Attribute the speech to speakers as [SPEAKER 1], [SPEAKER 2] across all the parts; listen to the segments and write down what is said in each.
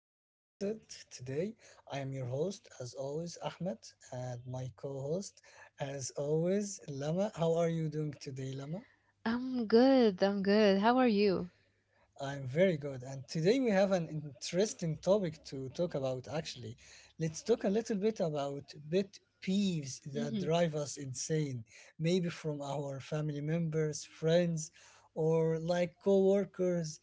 [SPEAKER 1] our episode today. I am your host, as always, Ahmed, and my co host, as always, Lama. How are you doing today, Lama?
[SPEAKER 2] I'm good. I'm good. How are you?
[SPEAKER 1] I'm very good. And today we have an interesting topic to talk about, actually. Let's talk a little bit about bit peeves that
[SPEAKER 2] Hmm.
[SPEAKER 1] drive us insane, maybe from our family members, friends, or like coworkers.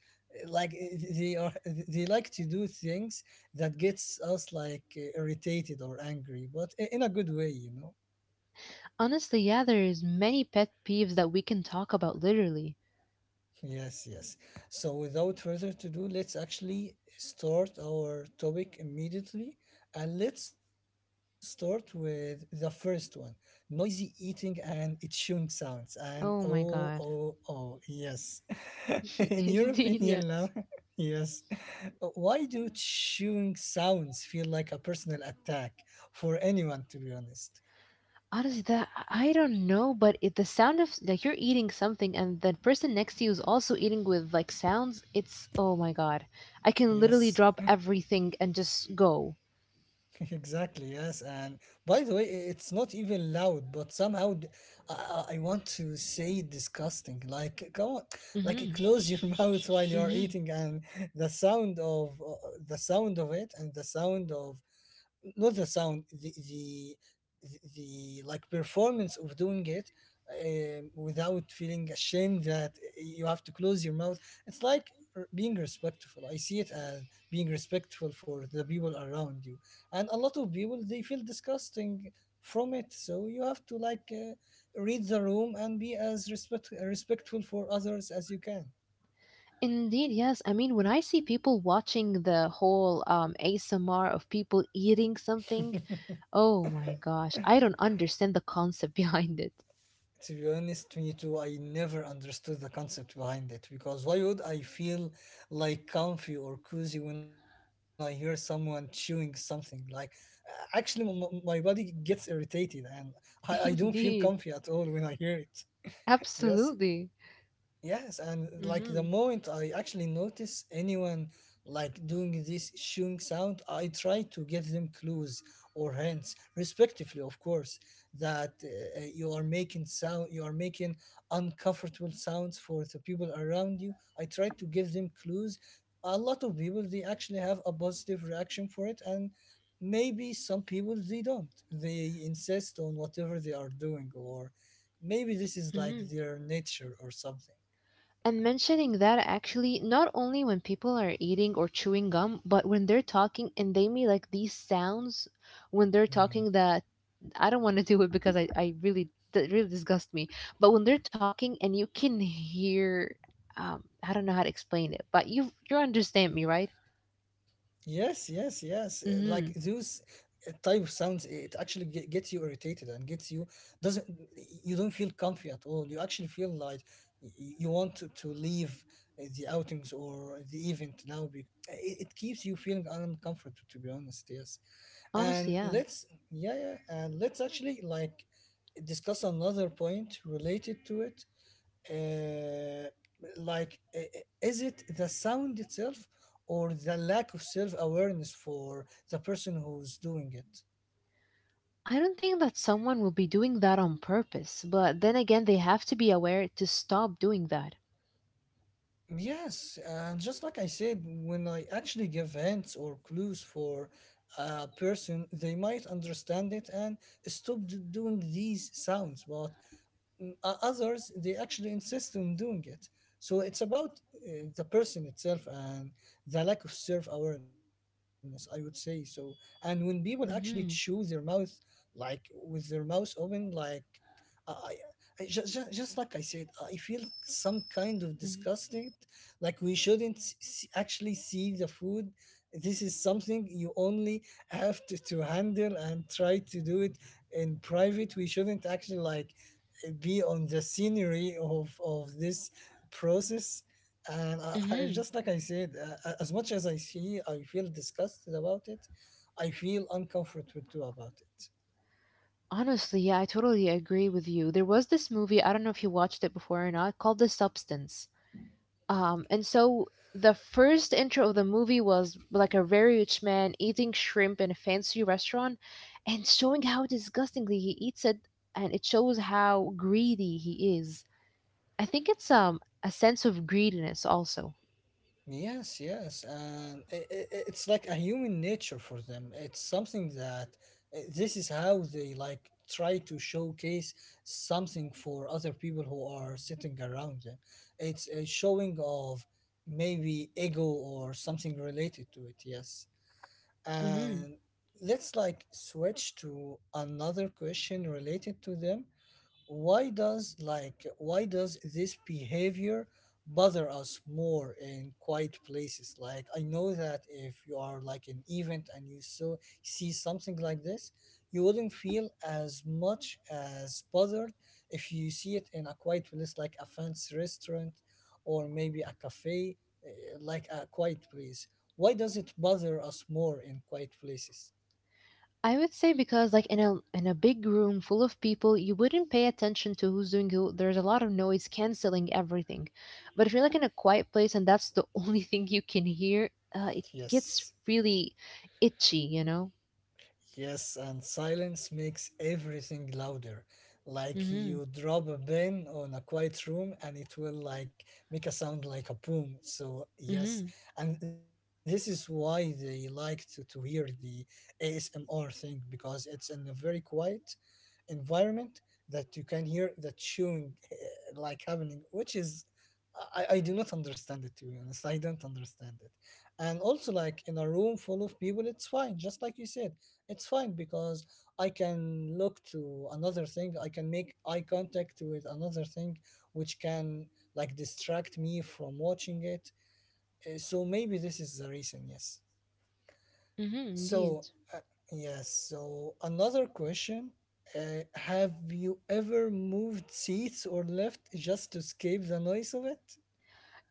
[SPEAKER 1] Like they like to do things that gets us like irritated or angry, but in a good way,
[SPEAKER 2] Honestly, yeah, there is many pet peeves that we can talk about literally.
[SPEAKER 1] Yes, yes. So, without further to do, let's actually start our topic immediately. And let's start with the first one, noisy eating and chewing sounds. And
[SPEAKER 2] Oh my
[SPEAKER 1] oh,
[SPEAKER 2] god.
[SPEAKER 1] oh, oh, yes. In your
[SPEAKER 2] Indeed,
[SPEAKER 1] opinion, Lama,
[SPEAKER 2] yes.
[SPEAKER 1] yes. Why do chewing sounds feel like a personal attack for anyone, to be honest?
[SPEAKER 2] Honestly, that I don't know, but the sound of like you're eating something and the person next to you is also eating with like sounds, it's oh my god. I can literally
[SPEAKER 1] Yes.
[SPEAKER 2] drop everything and just go.
[SPEAKER 1] Exactly, yes. And by the way, it's not even loud, but somehow I, I want to say disgusting. Like, come on, like
[SPEAKER 2] Hmm.
[SPEAKER 1] close your mouth while you're
[SPEAKER 2] Hmm.
[SPEAKER 1] eating, and the sound of uh, the sound of it, and the sound of, not the sound, the, like performance of doing it without feeling ashamed that you have to close your mouth. It's like being respectful. I see it as being respectful for the people around you, and a lot of people they feel disgusting from it, so you have to like read the room and be as respectful for others as you can.
[SPEAKER 2] Indeed, yes. I mean, when I see people watching the whole ASMR of people eating something, oh my gosh, I don't understand the concept behind it.
[SPEAKER 1] To be honest, me too. I never understood the concept behind it because why would I feel like comfy or cozy when I hear someone chewing something? Like, actually, my body gets irritated and I don't feel comfy at
[SPEAKER 2] Indeed,
[SPEAKER 1] all when I hear it. Yes,
[SPEAKER 2] absolutely.
[SPEAKER 1] yes, and like the
[SPEAKER 2] Hmm.
[SPEAKER 1] moment I actually notice anyone like doing this shooing sound, I try to give them clues or hints, respectively, of course, that you are making sound, you are making uncomfortable sounds for the people around you. I try to give them clues. A lot of people they actually have a positive reaction for it, and maybe some people they don't. They insist on whatever they are doing, or maybe this is like
[SPEAKER 2] Hmm.
[SPEAKER 1] their nature or something.
[SPEAKER 2] And mentioning that actually, not only when people are eating or chewing gum, but when they're talking and they make like these sounds when they're
[SPEAKER 1] Mm.
[SPEAKER 2] talking that I don't want to do it because I really, that really disgust me. But when they're talking and you can hear, I don't know how to explain it, but you understand me, right?
[SPEAKER 1] Yes, yes, yes. Like those
[SPEAKER 2] Hmm.
[SPEAKER 1] type of sounds, it actually gets you irritated and gets you, doesn't, you don't feel comfy at all. You actually feel like you want to leave the outings or the event now. It keeps you feeling uncomfortable, to be honest. Yes,
[SPEAKER 2] Honestly,
[SPEAKER 1] and
[SPEAKER 2] yeah.
[SPEAKER 1] let's actually like discuss another point related to it, uh, like is it the sound itself or the lack of self-awareness for the person who's doing it?
[SPEAKER 2] I don't think that someone will be doing that on purpose, but then again, they have to be aware to stop doing that.
[SPEAKER 1] Yes, and just like I said, when I actually give hints or clues for a person, they might understand it and stop doing these sounds. But others they actually insist on doing it. So it's about the person itself and the lack of self awareness, I would say. So, and when people actually chew their
[SPEAKER 2] Hmm.
[SPEAKER 1] mouth, like with their mouth open, like i, I I just like I said, I feel some kind of
[SPEAKER 2] Hmm.
[SPEAKER 1] disgusted, like we shouldn't actually see the food. This is something you only have to handle and try to do it in private. We shouldn't actually like be on the scenery of this process. And I
[SPEAKER 2] Hmm.
[SPEAKER 1] just like I said, as much as I see, I feel disgusted about it, I feel uncomfortable too about it.
[SPEAKER 2] Honestly, yeah, I totally agree with you. There was this movie, I don't know if you watched it before or not, called The Substance. And so the first intro of the movie was like a very rich man eating shrimp in a fancy restaurant and showing how disgustingly he eats it, and it shows how greedy he is. I think it's a sense of greediness also.
[SPEAKER 1] Yes, yes, and it's like a human nature for them. It's something that this is how they like try to showcase something for other people who are sitting around them. It's a showing of maybe ego or something related to it. Yes.
[SPEAKER 2] Hmm.
[SPEAKER 1] And let's like switch to another question related to them. Why does like why does this behavior bother us more in quiet places? Like I know that if you are like an event and you so see something like this, you wouldn't feel as much as bothered if you see it in a quiet place like a fancy restaurant or maybe a cafe, eh, like a quiet place. Why does it bother us more in quiet places?
[SPEAKER 2] I would say because like in a big room full of people, you wouldn't pay attention to who's doing who. There's a lot of noise canceling everything. But if you're like in a quiet place and that's the only thing you can hear, it gets
[SPEAKER 1] Yes.
[SPEAKER 2] really itchy.
[SPEAKER 1] Yes, and silence makes everything louder. Like
[SPEAKER 2] Mm-hmm.
[SPEAKER 1] you drop a pin on a quiet room and it will like make a sound like a boom. So yes,
[SPEAKER 2] Mm-hmm.
[SPEAKER 1] and this is why they like to hear the ASMR thing, because it's in a very quiet environment that you can hear that chewing like happening. Which is, I do not understand it, to be honest. I don't understand it. And also like in a room full of people, it's fine, just like you said. It's fine because I can look to another thing, I can make eye contact with another thing, which can like distract me from watching it. So maybe this is the reason. Yes.
[SPEAKER 2] Mm-hmm. Indeed.
[SPEAKER 1] so, uh, yes, so another question. Have you ever moved seats or left just to escape the noise of it?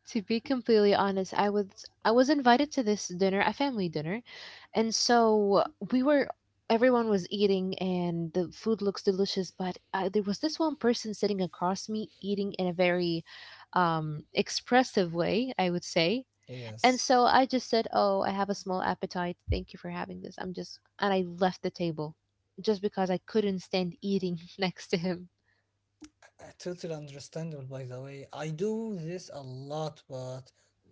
[SPEAKER 2] To be completely honest, I was invited to this dinner, a family dinner, and so we were everyone was eating and the food looks delicious, but there was this one person sitting across me eating in a very expressive way, I would say. And
[SPEAKER 1] Yes.
[SPEAKER 2] so I just said, "Oh, I have a small appetite. Thank you for having this. I'm just..." and I left the table just because I couldn't stand eating next to him.
[SPEAKER 1] Totally understandable, by the way. I do this a lot, but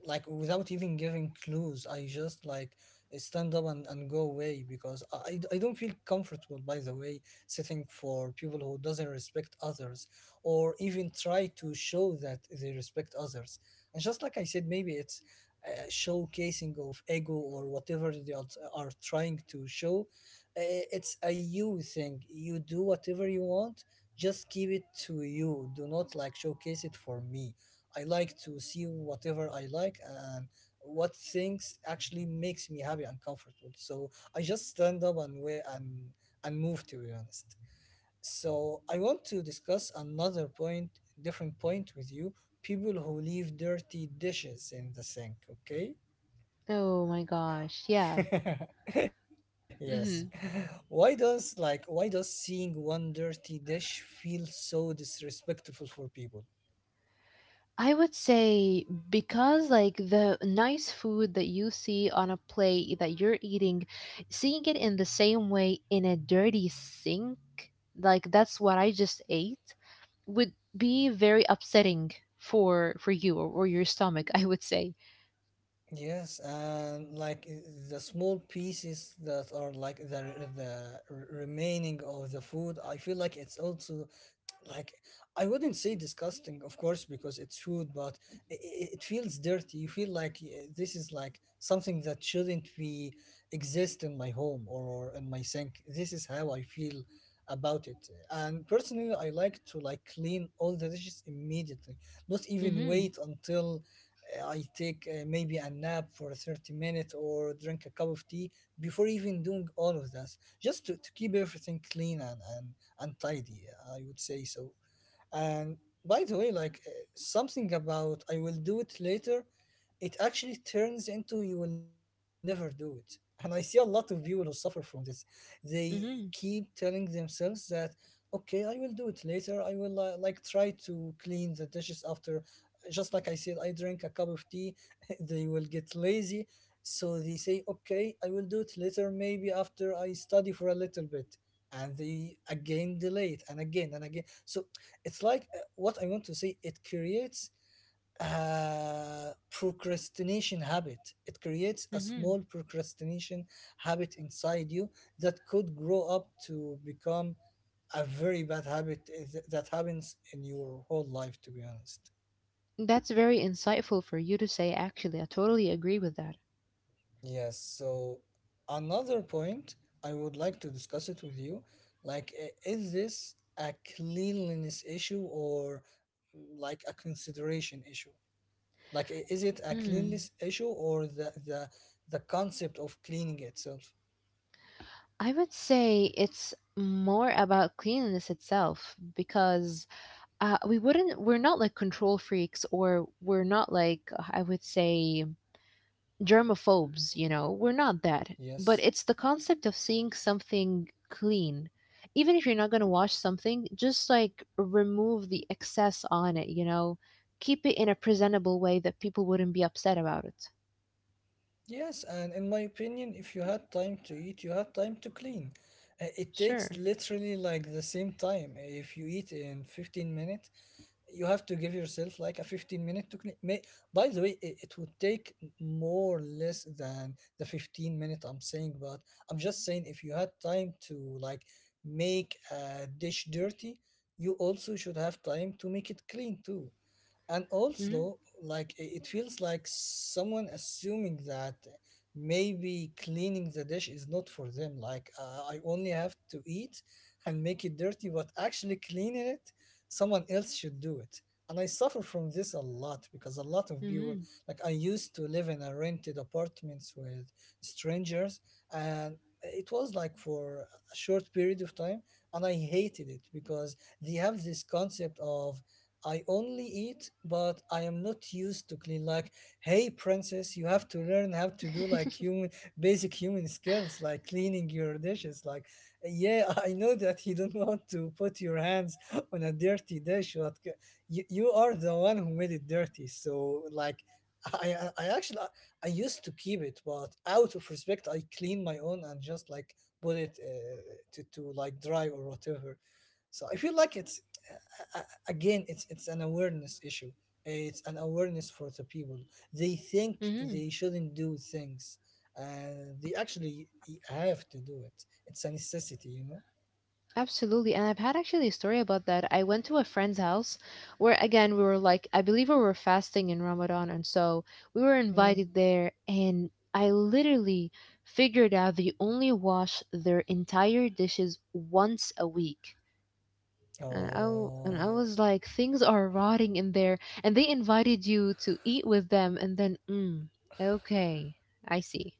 [SPEAKER 1] like without even giving clues, I just like stand up and go away because I don't feel comfortable, by the way, sitting for people who doesn't respect others or even try to show that they respect others. And just like I said, maybe it's showcasing of ego or whatever are trying to show. It's a you thing. You do whatever you want, just keep it to you. Do not like showcase it for me. I like to see whatever I like and what things actually makes me happy and comfortable. So I just stand up and wait and move, to be honest. So I want to discuss another point, different point with you. People who leave dirty dishes in the sink, okay?
[SPEAKER 2] Oh my gosh. Yeah.
[SPEAKER 1] yes.
[SPEAKER 2] Mhm.
[SPEAKER 1] Why does like why does seeing one dirty dish feel so disrespectful for people?
[SPEAKER 2] I would say because like the nice food that you see on a plate that you're eating, seeing it in the same way in a dirty sink, like that's what I just ate, would be very upsetting for you or your stomach, I would say.
[SPEAKER 1] Yes, and like the small pieces that are like the remaining of the food, I feel like it's also like, I wouldn't say disgusting of course because it's food, but i i- it feels dirty. You feel like this is like something that shouldn't be exist in my home, or in my sink. This is how I feel about it. And personally I like to like clean all the dishes immediately, not even
[SPEAKER 2] Mhm.
[SPEAKER 1] wait until I take maybe a nap for 30 minutes or drink a cup of tea before even doing all of this, just to keep everything clean and untidy, I would say. So, and by the way, like something about I will do it later, it actually turns into you will never do it. And I see a lot of people who suffer from this. They
[SPEAKER 2] Mhm.
[SPEAKER 1] keep telling themselves that, okay, I will do it later. I will like try to clean the dishes after. Just like I said, I drink a cup of tea. They will get lazy. So they say, okay, I will do it later, maybe after I study for a little bit. And they again delay it and again and again. So it's like, what I want to say, it creates a procrastination habit. It creates a
[SPEAKER 2] Mhm.
[SPEAKER 1] small procrastination habit inside you that could grow up to become a very bad habit, that happens in your whole life, to be honest.
[SPEAKER 2] That's very insightful for you to say actually. I totally agree with that.
[SPEAKER 1] Yes. So another point I would like to discuss it with you. Like, is this a cleanliness issue or like a consideration issue? Like, is it a
[SPEAKER 2] Mm.
[SPEAKER 1] cleanliness issue or the concept of cleaning itself?
[SPEAKER 2] I would say it's more about cleanliness itself because we're not like control freaks or we're not like I would say germophobes. We're not that. But
[SPEAKER 1] Yes.
[SPEAKER 2] it's the concept of seeing something clean. Even if you're not going to wash something, just like remove the excess on it. Keep it in a presentable way that people wouldn't be upset about it.
[SPEAKER 1] Yes, and in my opinion, if you had time to eat, you had time to clean. It takes
[SPEAKER 2] Sure.
[SPEAKER 1] literally like the same time. If you eat in 15 minutes, you have to give yourself like a 15 minute to clean. May, by the way, it would take more or less than the 15-minute I'm saying, but I'm just saying if you had time to like make a dish dirty, you also should have time to make it clean too. And
[SPEAKER 2] Mhm.
[SPEAKER 1] also like it feels like someone assuming that maybe cleaning the dish is not for them. Like, I only have to eat and make it dirty, but actually cleaning it, someone else should do it. And I suffer from this a lot because a lot of people,
[SPEAKER 2] Mhm.
[SPEAKER 1] like I used to live in a rented apartments with strangers, and it was like for a short period of time, and I hated it because they have this concept of, I only eat, but I am not used to clean. Like, hey, princess, you have to learn how to do like human, basic human skills, like cleaning your dishes. Like, yeah, I know that you don't want to put your hands on a dirty dish, but you, you are the one who made it dirty. So, like, I actually, I used to keep it, but out of respect, I clean my own and just like put it to like dry or whatever. So I feel like a- again, it's an awareness issue. It's an awareness for the people. They think
[SPEAKER 2] Mhm.
[SPEAKER 1] they shouldn't do things. They actually have to do it. It's a necessity, you know.
[SPEAKER 2] Absolutely. And I've had actually a story about that. I went to a friend's house where, again, we were like, I believe we were fasting in Ramadan. And so we were
[SPEAKER 1] Hmm.
[SPEAKER 2] invited there. And I literally figured out they only wash their entire dishes once a week. And I
[SPEAKER 1] Oh,
[SPEAKER 2] was like, things are rotting in there. And they invited you to eat with them. And then, okay, I see.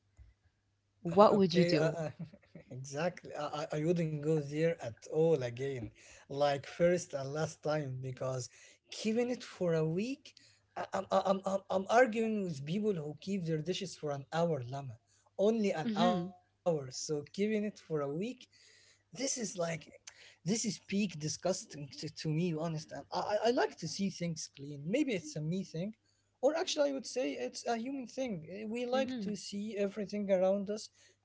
[SPEAKER 2] What would you
[SPEAKER 1] okay,
[SPEAKER 2] do?
[SPEAKER 1] exactly. I wouldn't go there at all again, like first and last time, because keeping it for a week, I, I'm arguing with people who keep their dishes for an hour, Lama. Only an
[SPEAKER 2] Mm
[SPEAKER 1] hour.
[SPEAKER 2] hmm.
[SPEAKER 1] So keeping it for a week, this is like, this is peak disgusting, to me honest. And I like to see things clean. Maybe it's a me thing, or actually I would say it's a human thing. Eh, we like to
[SPEAKER 2] Mm
[SPEAKER 1] see everything around us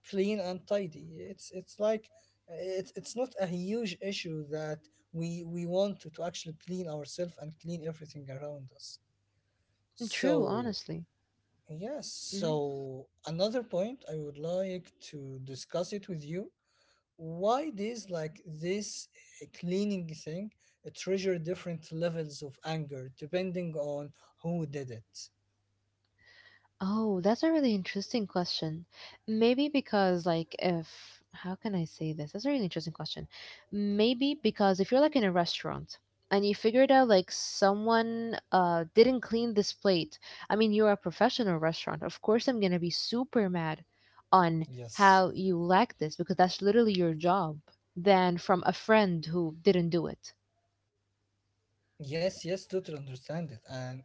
[SPEAKER 1] clean and tidy. It's like, it's not a huge issue that we want to actually clean ourselves and clean everything around us.
[SPEAKER 2] hmm. True,
[SPEAKER 1] So
[SPEAKER 2] honestly.
[SPEAKER 1] yes. So
[SPEAKER 2] Mhm.
[SPEAKER 1] another point I would like to discuss it with you, why does like this cleaning thing trigger different levels of anger depending on who did it?
[SPEAKER 2] Oh, that's a really interesting question. Maybe because, like, if, how can I say this? That's a really interesting question. Maybe because if you're like in a restaurant and you figured out like someone didn't clean this plate, I mean, you're a professional restaurant. Of course, I'm gonna be super mad on
[SPEAKER 1] Yes.
[SPEAKER 2] how you lack this because that's literally your job than from a friend who didn't do it.
[SPEAKER 1] Yes, yes, totally understand it. And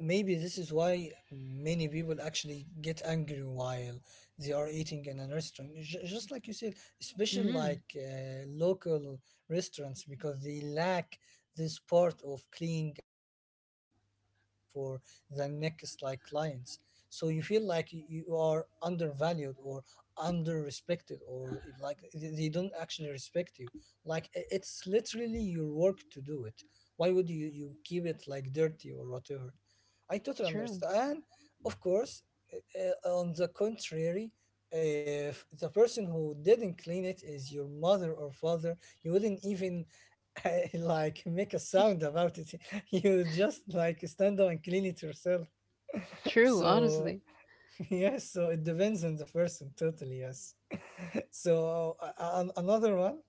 [SPEAKER 1] maybe this is why many people actually get angry while they are eating in a restaurant. Just like you said, especially
[SPEAKER 2] Mm,
[SPEAKER 1] like local restaurants, because they lack this part of cleaning and, getting everything ready for the next like clients. So you feel like you are undervalued or under respected, or like they don't actually respect you. Like, it's literally your work to do it. Why would you keep it like dirty or whatever? I totally
[SPEAKER 2] true.
[SPEAKER 1] understand. And of course, on the contrary, if the person who didn't clean it is your mother or father, you wouldn't even like make a sound about it. You would just like stand up and clean it yourself.
[SPEAKER 2] True,
[SPEAKER 1] So
[SPEAKER 2] honestly.
[SPEAKER 1] yes, so it depends on the person totally. Yes. So another one,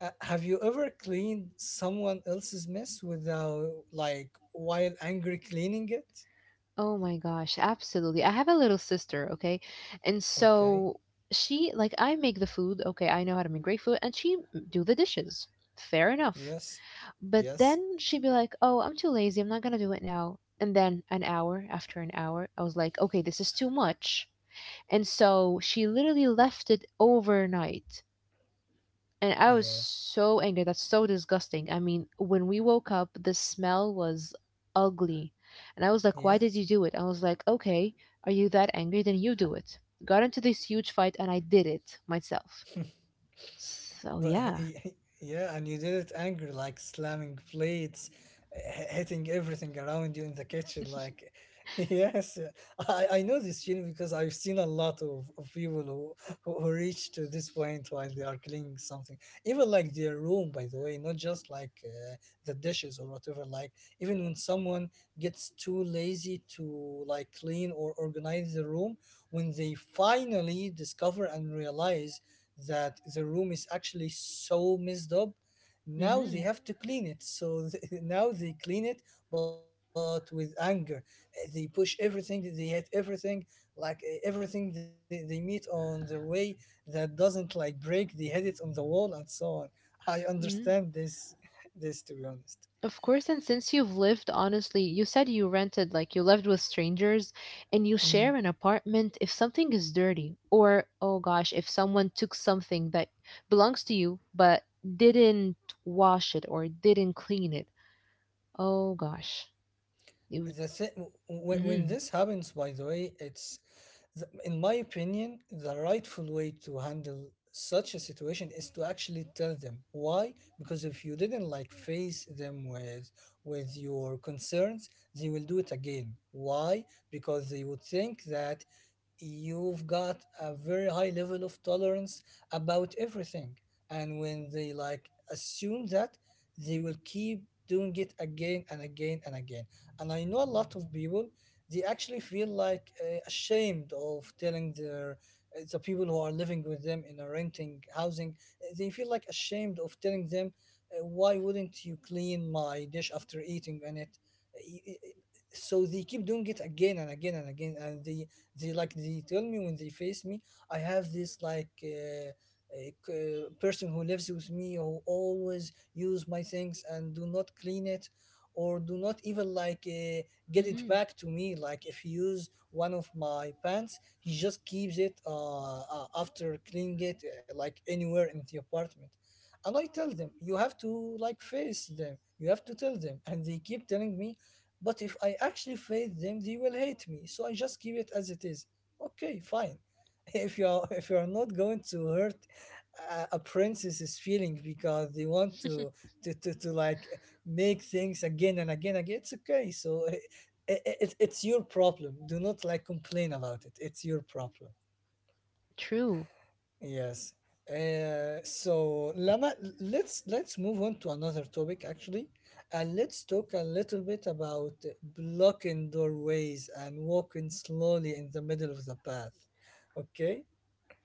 [SPEAKER 1] have you ever cleaned someone else's mess without like, while angry cleaning it?
[SPEAKER 2] Oh my gosh, absolutely. I have a little sister, okay? And
[SPEAKER 1] Okay.
[SPEAKER 2] so she like I make the food, okay, I know how to make great food and do the dishes. Fair enough.
[SPEAKER 1] Yes.
[SPEAKER 2] But
[SPEAKER 1] Yes.
[SPEAKER 2] then she'd be like, "Oh, I'm too lazy. I'm not going to do it now." And then an hour after an hour, I was like, "Okay, this is too much." And so she literally left it overnight and I was
[SPEAKER 1] Yes.
[SPEAKER 2] so angry. That's so disgusting. I mean, when we woke up, the smell was ugly. And I was like, why did
[SPEAKER 1] Yes.
[SPEAKER 2] you do it? I was like, okay, are you that angry? Then you do it. Got into this huge fight and I did it myself. So,
[SPEAKER 1] But
[SPEAKER 2] yeah.
[SPEAKER 1] yeah, and you did it angry, like slamming plates, hitting everything around you in the kitchen. Like, yes, yeah. I know this feeling because I've seen a lot of people who, who reach to this point while they are cleaning something. Even like their room, by the way, not just like the dishes or whatever. Like, even when someone gets too lazy to like clean or organize the room, when they finally discover and realize that the room is actually so messed up. Now they
[SPEAKER 2] Hmm.
[SPEAKER 1] have to clean it. So now they clean it, but with anger. They push everything, they hit everything, like everything they meet on their way that doesn't like break, they hit it on the wall and so on. I understand this, this to be honest.
[SPEAKER 2] Of course, and since you've lived, honestly, you said you rented, like you lived with strangers and you
[SPEAKER 1] Mm.
[SPEAKER 2] share an apartment. If something is dirty, or oh gosh, if someone took something that belongs to you but didn't wash it or didn't clean it, oh gosh, it would,
[SPEAKER 1] the thi- w- when
[SPEAKER 2] mm,
[SPEAKER 1] this happens, by the way, it's in my opinion the rightful way to handle such a situation is to actually tell them why, because if you didn't like face them with your concerns, they will do it again. Why? Because they would think that you've got a very high level of tolerance about everything. And when they like assume that, they will keep doing it again and again and again. And I know a lot of people, they actually feel like ashamed of telling their the people who are living with them in a renting housing. They feel like ashamed of telling them, why wouldn't you clean my dish after eating on it? Uh, Y- y- y- so they keep doing it again and again and again. And they like, they tell me, when they face me, I have this like a person who lives with me who always use my things and do not clean it, or do not even like get it
[SPEAKER 2] mm,
[SPEAKER 1] back to me. Like if he use one of my pants, he just keeps it after cleaning it like anywhere in the apartment. And I tell them, you have to like face them. You have to tell them. And they keep telling me, but if I actually fail them, they will hate me. So I just keep it as it is. Okay, fine. If you're not going to hurt a princess's feeling because they want to, to like make things again and again again, it's okay. So it's your problem. Do not like complain about it. It's your problem.
[SPEAKER 2] true.
[SPEAKER 1] Yes. So Lama, let's move on to another topic actually, and let's talk a little bit about blocking doorways and walking slowly in the middle of the path. Okay?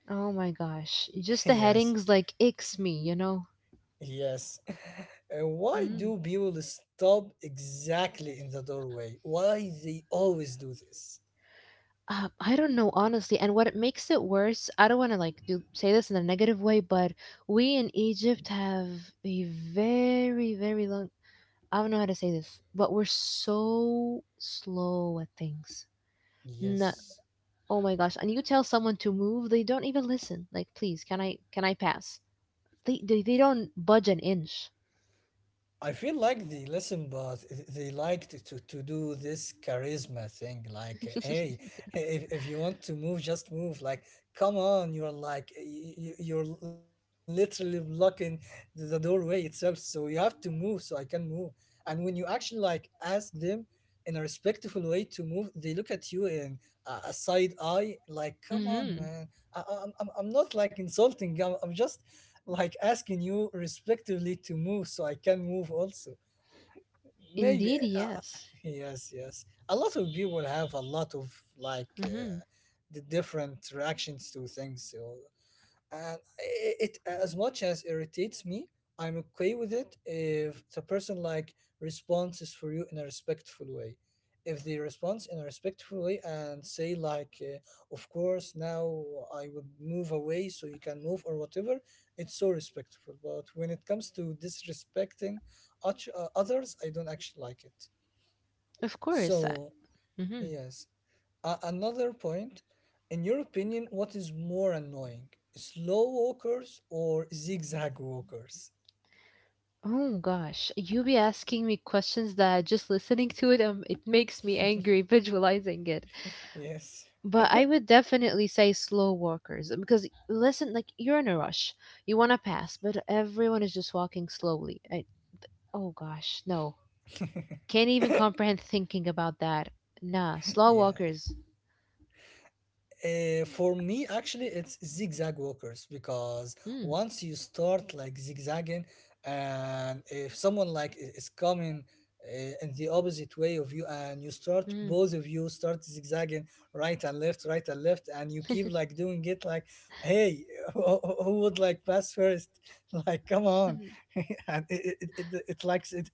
[SPEAKER 2] Oh my gosh, just the
[SPEAKER 1] Yes.
[SPEAKER 2] headings like icks me.
[SPEAKER 1] Yes. Why
[SPEAKER 2] Mm.
[SPEAKER 1] do people stop exactly in the doorway? Why they always do this?
[SPEAKER 2] I don't know, honestly. And what it makes it worse, I don't want to like do say this in a negative way, but we in Egypt have a very, very long. I don't know how to say this, but we're so slow at things. Not
[SPEAKER 1] Yes.
[SPEAKER 2] oh my gosh! And you tell someone to move, they don't even listen. Like, please, can I pass? They don't budge an inch.
[SPEAKER 1] I feel like they listen, but they like to, to do this charisma thing. Like, hey, if, you want to move, just move. Like, come on, you're like, you're literally blocking the doorway itself. So you have to move so I can move. And when you actually like ask them in a respectful way to move, they look at you in a side eye, like, come on,
[SPEAKER 2] Mm-hmm.
[SPEAKER 1] man. I'm not like insulting, I'm just like asking you respectively to move so I can move also. Maybe,
[SPEAKER 2] Indeed,
[SPEAKER 1] uh,
[SPEAKER 2] yes.
[SPEAKER 1] yes, yes. A lot of people have a lot of like
[SPEAKER 2] Mm-hmm.
[SPEAKER 1] the different reactions to things. So, and it as much as irritates me, I'm okay with it if the person like responds is for you in a respectful way. If they respond in a respectful way and say like, of course, now I would move away so you can move or whatever, it's so respectful. But when it comes to disrespecting others, I don't actually like it.
[SPEAKER 2] Of course. I,
[SPEAKER 1] So
[SPEAKER 2] mhm.
[SPEAKER 1] yes. Another point, in your opinion, what is more annoying? Slow walkers or zigzag walkers?
[SPEAKER 2] Oh gosh, you be asking me questions that just listening to it, it makes me angry visualizing it.
[SPEAKER 1] Yes,
[SPEAKER 2] But I would definitely say slow walkers because listen, like you're in a rush, you want to pass, but everyone is just walking slowly. I, oh gosh, no, can't even comprehend thinking about that. Nah, slow
[SPEAKER 1] yeah.
[SPEAKER 2] walkers.
[SPEAKER 1] For me, actually, it's zigzag walkers, because
[SPEAKER 2] Hmm.
[SPEAKER 1] once you start like zigzagging, and if someone like is coming in the opposite way of you, and you start,
[SPEAKER 2] Hmm.
[SPEAKER 1] both of you start zigzagging right and left, and you keep like doing it, like, hey, who would like pass first? Like, come on,
[SPEAKER 2] Hmm.
[SPEAKER 1] and it it's like it,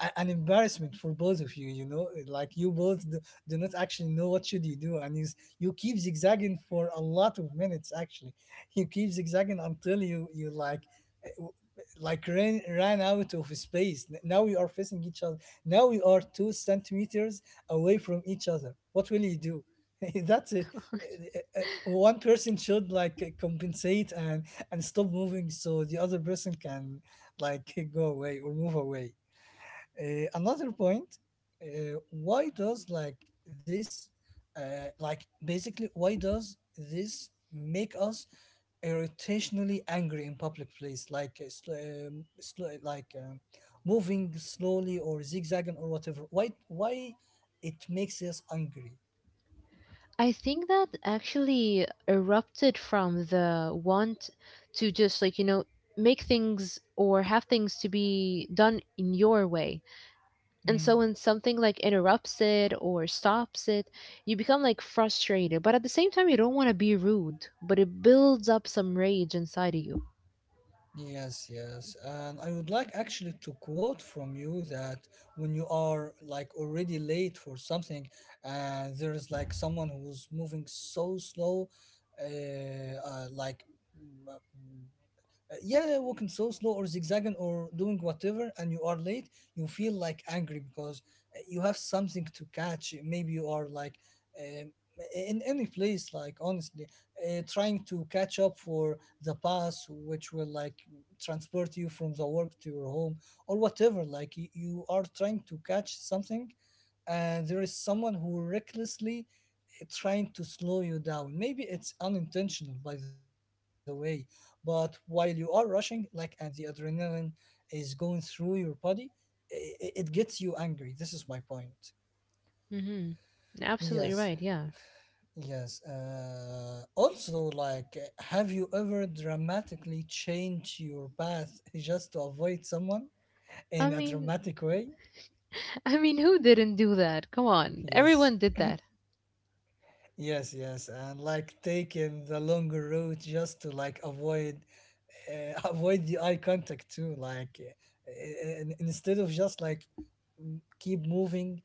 [SPEAKER 1] an embarrassment for both of you, you know, like you both do, do not actually know what should you do. And you, you keep zigzagging for a lot of minutes actually. You keep zigzagging until you like eh, w- like ran out of space. Now you are facing each other. Now we are 2 centimeters away from each other. What will you do? That's it. One person should like compensate and stop moving so the other person can like go away or move away. Another point, why does like this, like basically, why does this make us irritationally angry in public place, like like moving slowly or zigzagging or whatever? Why it makes us angry?
[SPEAKER 2] I think that actually erupted from the want to just like, make things or have things to be done in your way. And so
[SPEAKER 1] Hmm.
[SPEAKER 2] when something like interrupts it or stops it, you become like frustrated. But at the same time, you don't want to be rude, but it builds up some rage inside of you.
[SPEAKER 1] Yes, yes. And I would like actually to quote from you that when you are like already late for something and there is like someone who's moving so slow, uh, uh like yeah, walking so slow or zigzagging or doing whatever, and you are late, you feel like angry because you have something to catch. Maybe you are like um, in any place, like honestly, trying to catch up for the bus, which will like transport you from the work to your home or whatever. Like you are trying to catch something and there is someone who recklessly trying to slow you down. Maybe it's unintentional, by the way, but while you are rushing, like, and the adrenaline is going through your body, it gets you angry. This is my point.
[SPEAKER 2] Hmm. Absolutely
[SPEAKER 1] Yes,
[SPEAKER 2] right. Yeah.
[SPEAKER 1] yes. Also, like, have you ever dramatically changed your path just to avoid someone
[SPEAKER 2] I
[SPEAKER 1] in a
[SPEAKER 2] mean,
[SPEAKER 1] dramatic way?
[SPEAKER 2] I mean, who didn't do that? Come on.
[SPEAKER 1] Yes.
[SPEAKER 2] Everyone did that.
[SPEAKER 1] Yes, and like taking the longer route just to like avoid avoid the eye contact too. Like instead of just like keep moving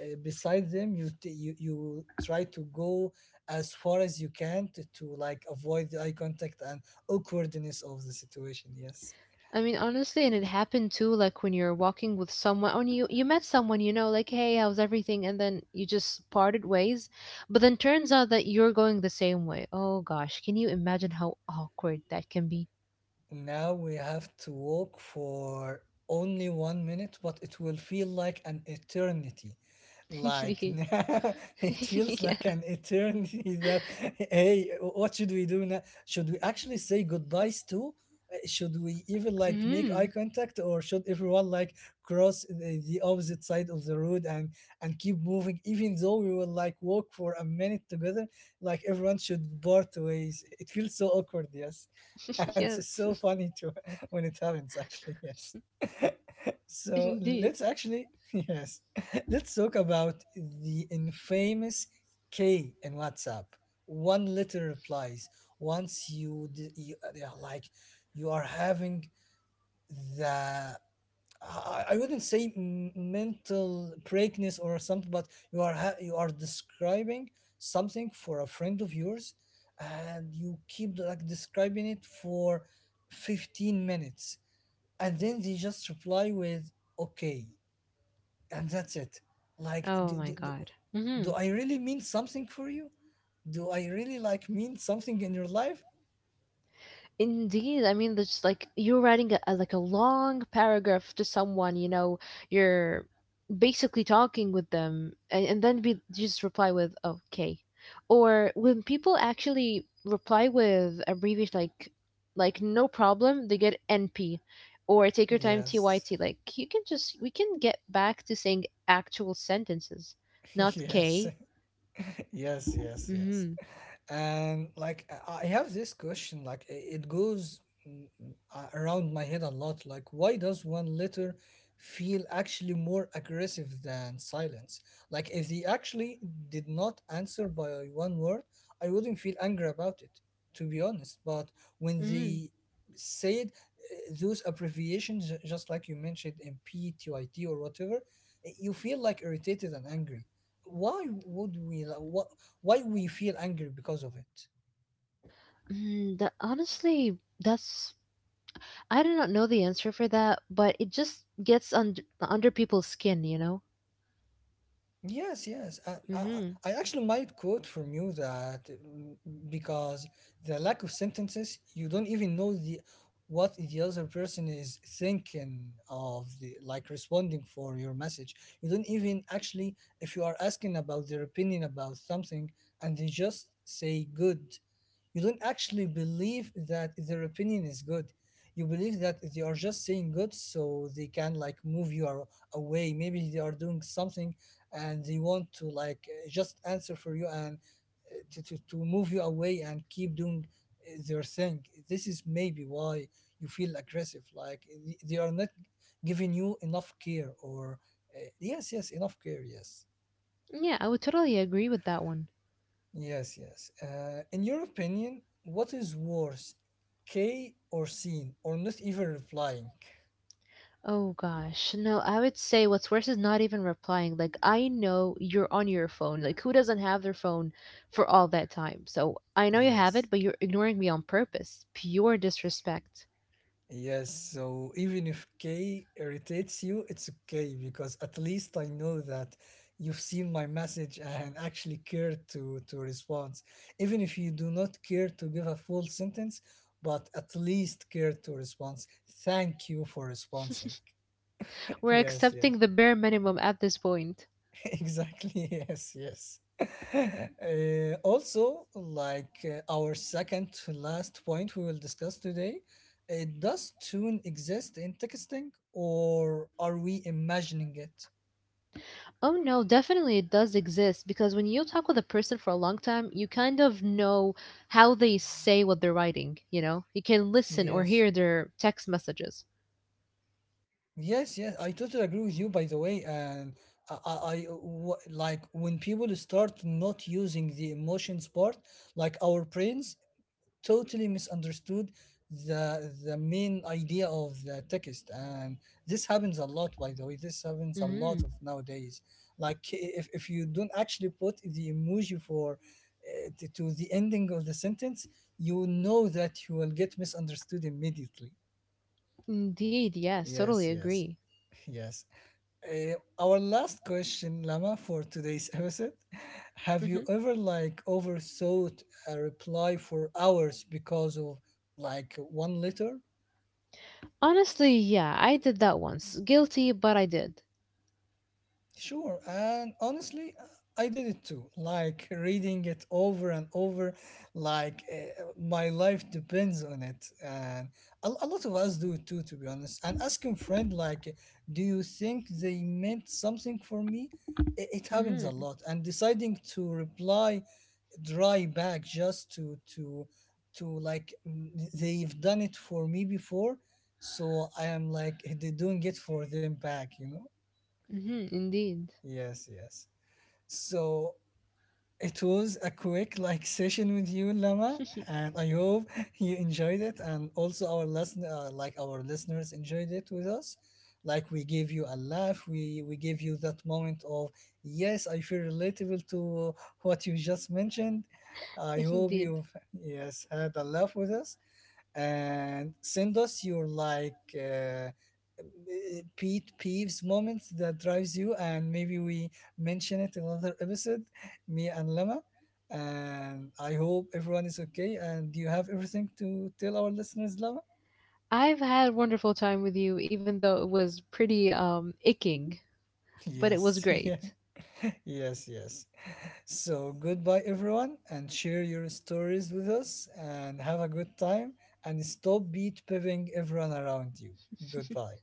[SPEAKER 1] beside them, you t- you try to go as far as you can to like avoid the eye contact and awkwardness of the situation. Yes.
[SPEAKER 2] I mean, honestly, and it happened too, like when you're walking with someone, when you met someone, like, hey, how's everything? And then you just parted ways, but then turns out that you're going the same way. Oh gosh, can you imagine how awkward that can be?
[SPEAKER 1] Now we have to walk for only one minute, but it will feel like an eternity. Like
[SPEAKER 2] Indeed.
[SPEAKER 1] now, it feels
[SPEAKER 2] Yeah.
[SPEAKER 1] like an eternity that, hey, what should we do now? Should we actually say goodbyes too? Should we even like make eye
[SPEAKER 2] Hmm.
[SPEAKER 1] contact, or should everyone like cross the opposite side of the road and keep moving, even though we will like walk for a minute together? Like everyone should part ways. It feels so awkward. Yes. And it's so
[SPEAKER 2] Yes,
[SPEAKER 1] funny to when it happens, actually. Yes, so
[SPEAKER 2] indeed.
[SPEAKER 1] let's actually yes, let's talk about the infamous K in WhatsApp, one letter replies. Once you, d- you they are like, you are having the, I wouldn't say mental breakness or something, but you are you are describing something for a friend of yours, and you keep like describing it for 15 minutes, and then they just reply with "okay," and that's it. Like,
[SPEAKER 2] Oh my god. Hmm.
[SPEAKER 1] do I really mean something for you? Do I really like mean something in your life?
[SPEAKER 2] Indeed. I mean, there's like you're writing like a long paragraph to someone, you know, you're basically talking with them and then we just reply with okay, or when people actually reply with abbreviation like no problem they get NP, or take your time
[SPEAKER 1] Yes.
[SPEAKER 2] TYT, like you can just we can get back to saying actual sentences, not
[SPEAKER 1] Yes,
[SPEAKER 2] K.
[SPEAKER 1] yes, yes, yes.
[SPEAKER 2] Mm-hmm.
[SPEAKER 1] And like I have this question, like it goes around my head a lot. Like, why does one letter feel actually more aggressive than silence? Like, if they actually did not answer by one word, I wouldn't feel angry about it, to be honest. But when
[SPEAKER 2] Mm.
[SPEAKER 1] they say it, those abbreviations, just like you mentioned, MP or whatever, you feel like irritated and angry. Why would we like, what, why we feel angry because of it?
[SPEAKER 2] Mm, that honestly that's, I do not know the answer for that, but it just gets under people's skin.
[SPEAKER 1] Yes, yes.
[SPEAKER 2] Mm-hmm.
[SPEAKER 1] I actually might quote from you that. Because the lack of sentences, you don't even know the, what the other person is thinking of, the like responding for your message. You don't even actually, if you are asking about their opinion about something, and they just say good. You don't actually believe that their opinion is good. You believe that they are just saying good so they can like move away. Maybe they are doing something and they want to like just answer for you and to move you away and keep doing their thing. This is maybe why you feel aggressive. Like they are not giving you enough care or yes, yes, enough care. Yes.
[SPEAKER 2] Yeah, I would totally agree with that one.
[SPEAKER 1] Yes, yes. In your opinion, what is worse, K or seen or not even replying?
[SPEAKER 2] Oh gosh. No, I would say what's worse is not even replying. Like I know you're on your phone. Like who doesn't have their phone for all that time? So I know you have it,
[SPEAKER 1] Yes.
[SPEAKER 2] but you're ignoring me on purpose. Pure disrespect.
[SPEAKER 1] Yes, so even if K irritates you, it's okay, because at least I know that you've seen my message and actually care to respond. Even if you do not care to give a full sentence, but at least care to respond. Thank you for responding.
[SPEAKER 2] We're
[SPEAKER 1] Yes,
[SPEAKER 2] accepting
[SPEAKER 1] yes.
[SPEAKER 2] the bare minimum at this point.
[SPEAKER 1] Exactly, yes, yes. Also, like our second to last point we will discuss today, does tune exist in texting, or are we imagining it?
[SPEAKER 2] Oh no, definitely it does exist because when you talk with a person for a long time, you kind of know how they say what they're writing, you know? You can listen or
[SPEAKER 1] Yes,
[SPEAKER 2] hear their text messages.
[SPEAKER 1] yes, yes. I totally agree with you, by the way. And I, I, I- like when people start not using the emotions part, like our brains totally misunderstood the main idea of the text. And this happens a lot, by the way. This happens a lot of
[SPEAKER 2] Hmm.
[SPEAKER 1] nowadays. Like, if you don't actually put the emoji for, to the ending of the sentence, you know that you will get misunderstood immediately.
[SPEAKER 2] Indeed, yes,
[SPEAKER 1] Yes,
[SPEAKER 2] totally
[SPEAKER 1] yes.
[SPEAKER 2] agree.
[SPEAKER 1] Yes. Uh, our last question, Lama, for today's episode. Have you
[SPEAKER 2] Mhm.
[SPEAKER 1] ever like overthought a reply for hours because of like one letter?
[SPEAKER 2] Honestly, yeah, I did that once. Guilty, but I did.
[SPEAKER 1] Sure, and honestly, I did it too. Like reading it over and over, like my life depends on it. And a lot of us do it too, to be honest. And asking friend like, do you think they meant something for me? It happens a
[SPEAKER 2] Mhm.
[SPEAKER 1] lot. And deciding to reply dry bag, just to like mm, they've done it for me before, so I am like, they're doing it for them back, you know.
[SPEAKER 2] Mhm, indeed.
[SPEAKER 1] Yes, yes. So it was a quick like session with you, Lama, and I hope you enjoyed it, and also our listen like our listeners enjoyed it with us. Like, we gave you a laugh, we gave you that moment of, yes, I feel relatable to what you just mentioned. I hope
[SPEAKER 2] Indeed.
[SPEAKER 1] you've, yes, had a laugh with us, and send us your like pet peeves moments that drives you, and maybe we mention it in another episode, me and Lama. And I hope everyone is okay. And do you have everything to tell our listeners, Lama?
[SPEAKER 2] I've had a wonderful time with you even though it was pretty aching, but it was
[SPEAKER 1] Yes, yeah,
[SPEAKER 2] great.
[SPEAKER 1] yes, yes. So goodbye everyone, and share your stories with us and have a good time, and stop beat piving everyone around you. Goodbye.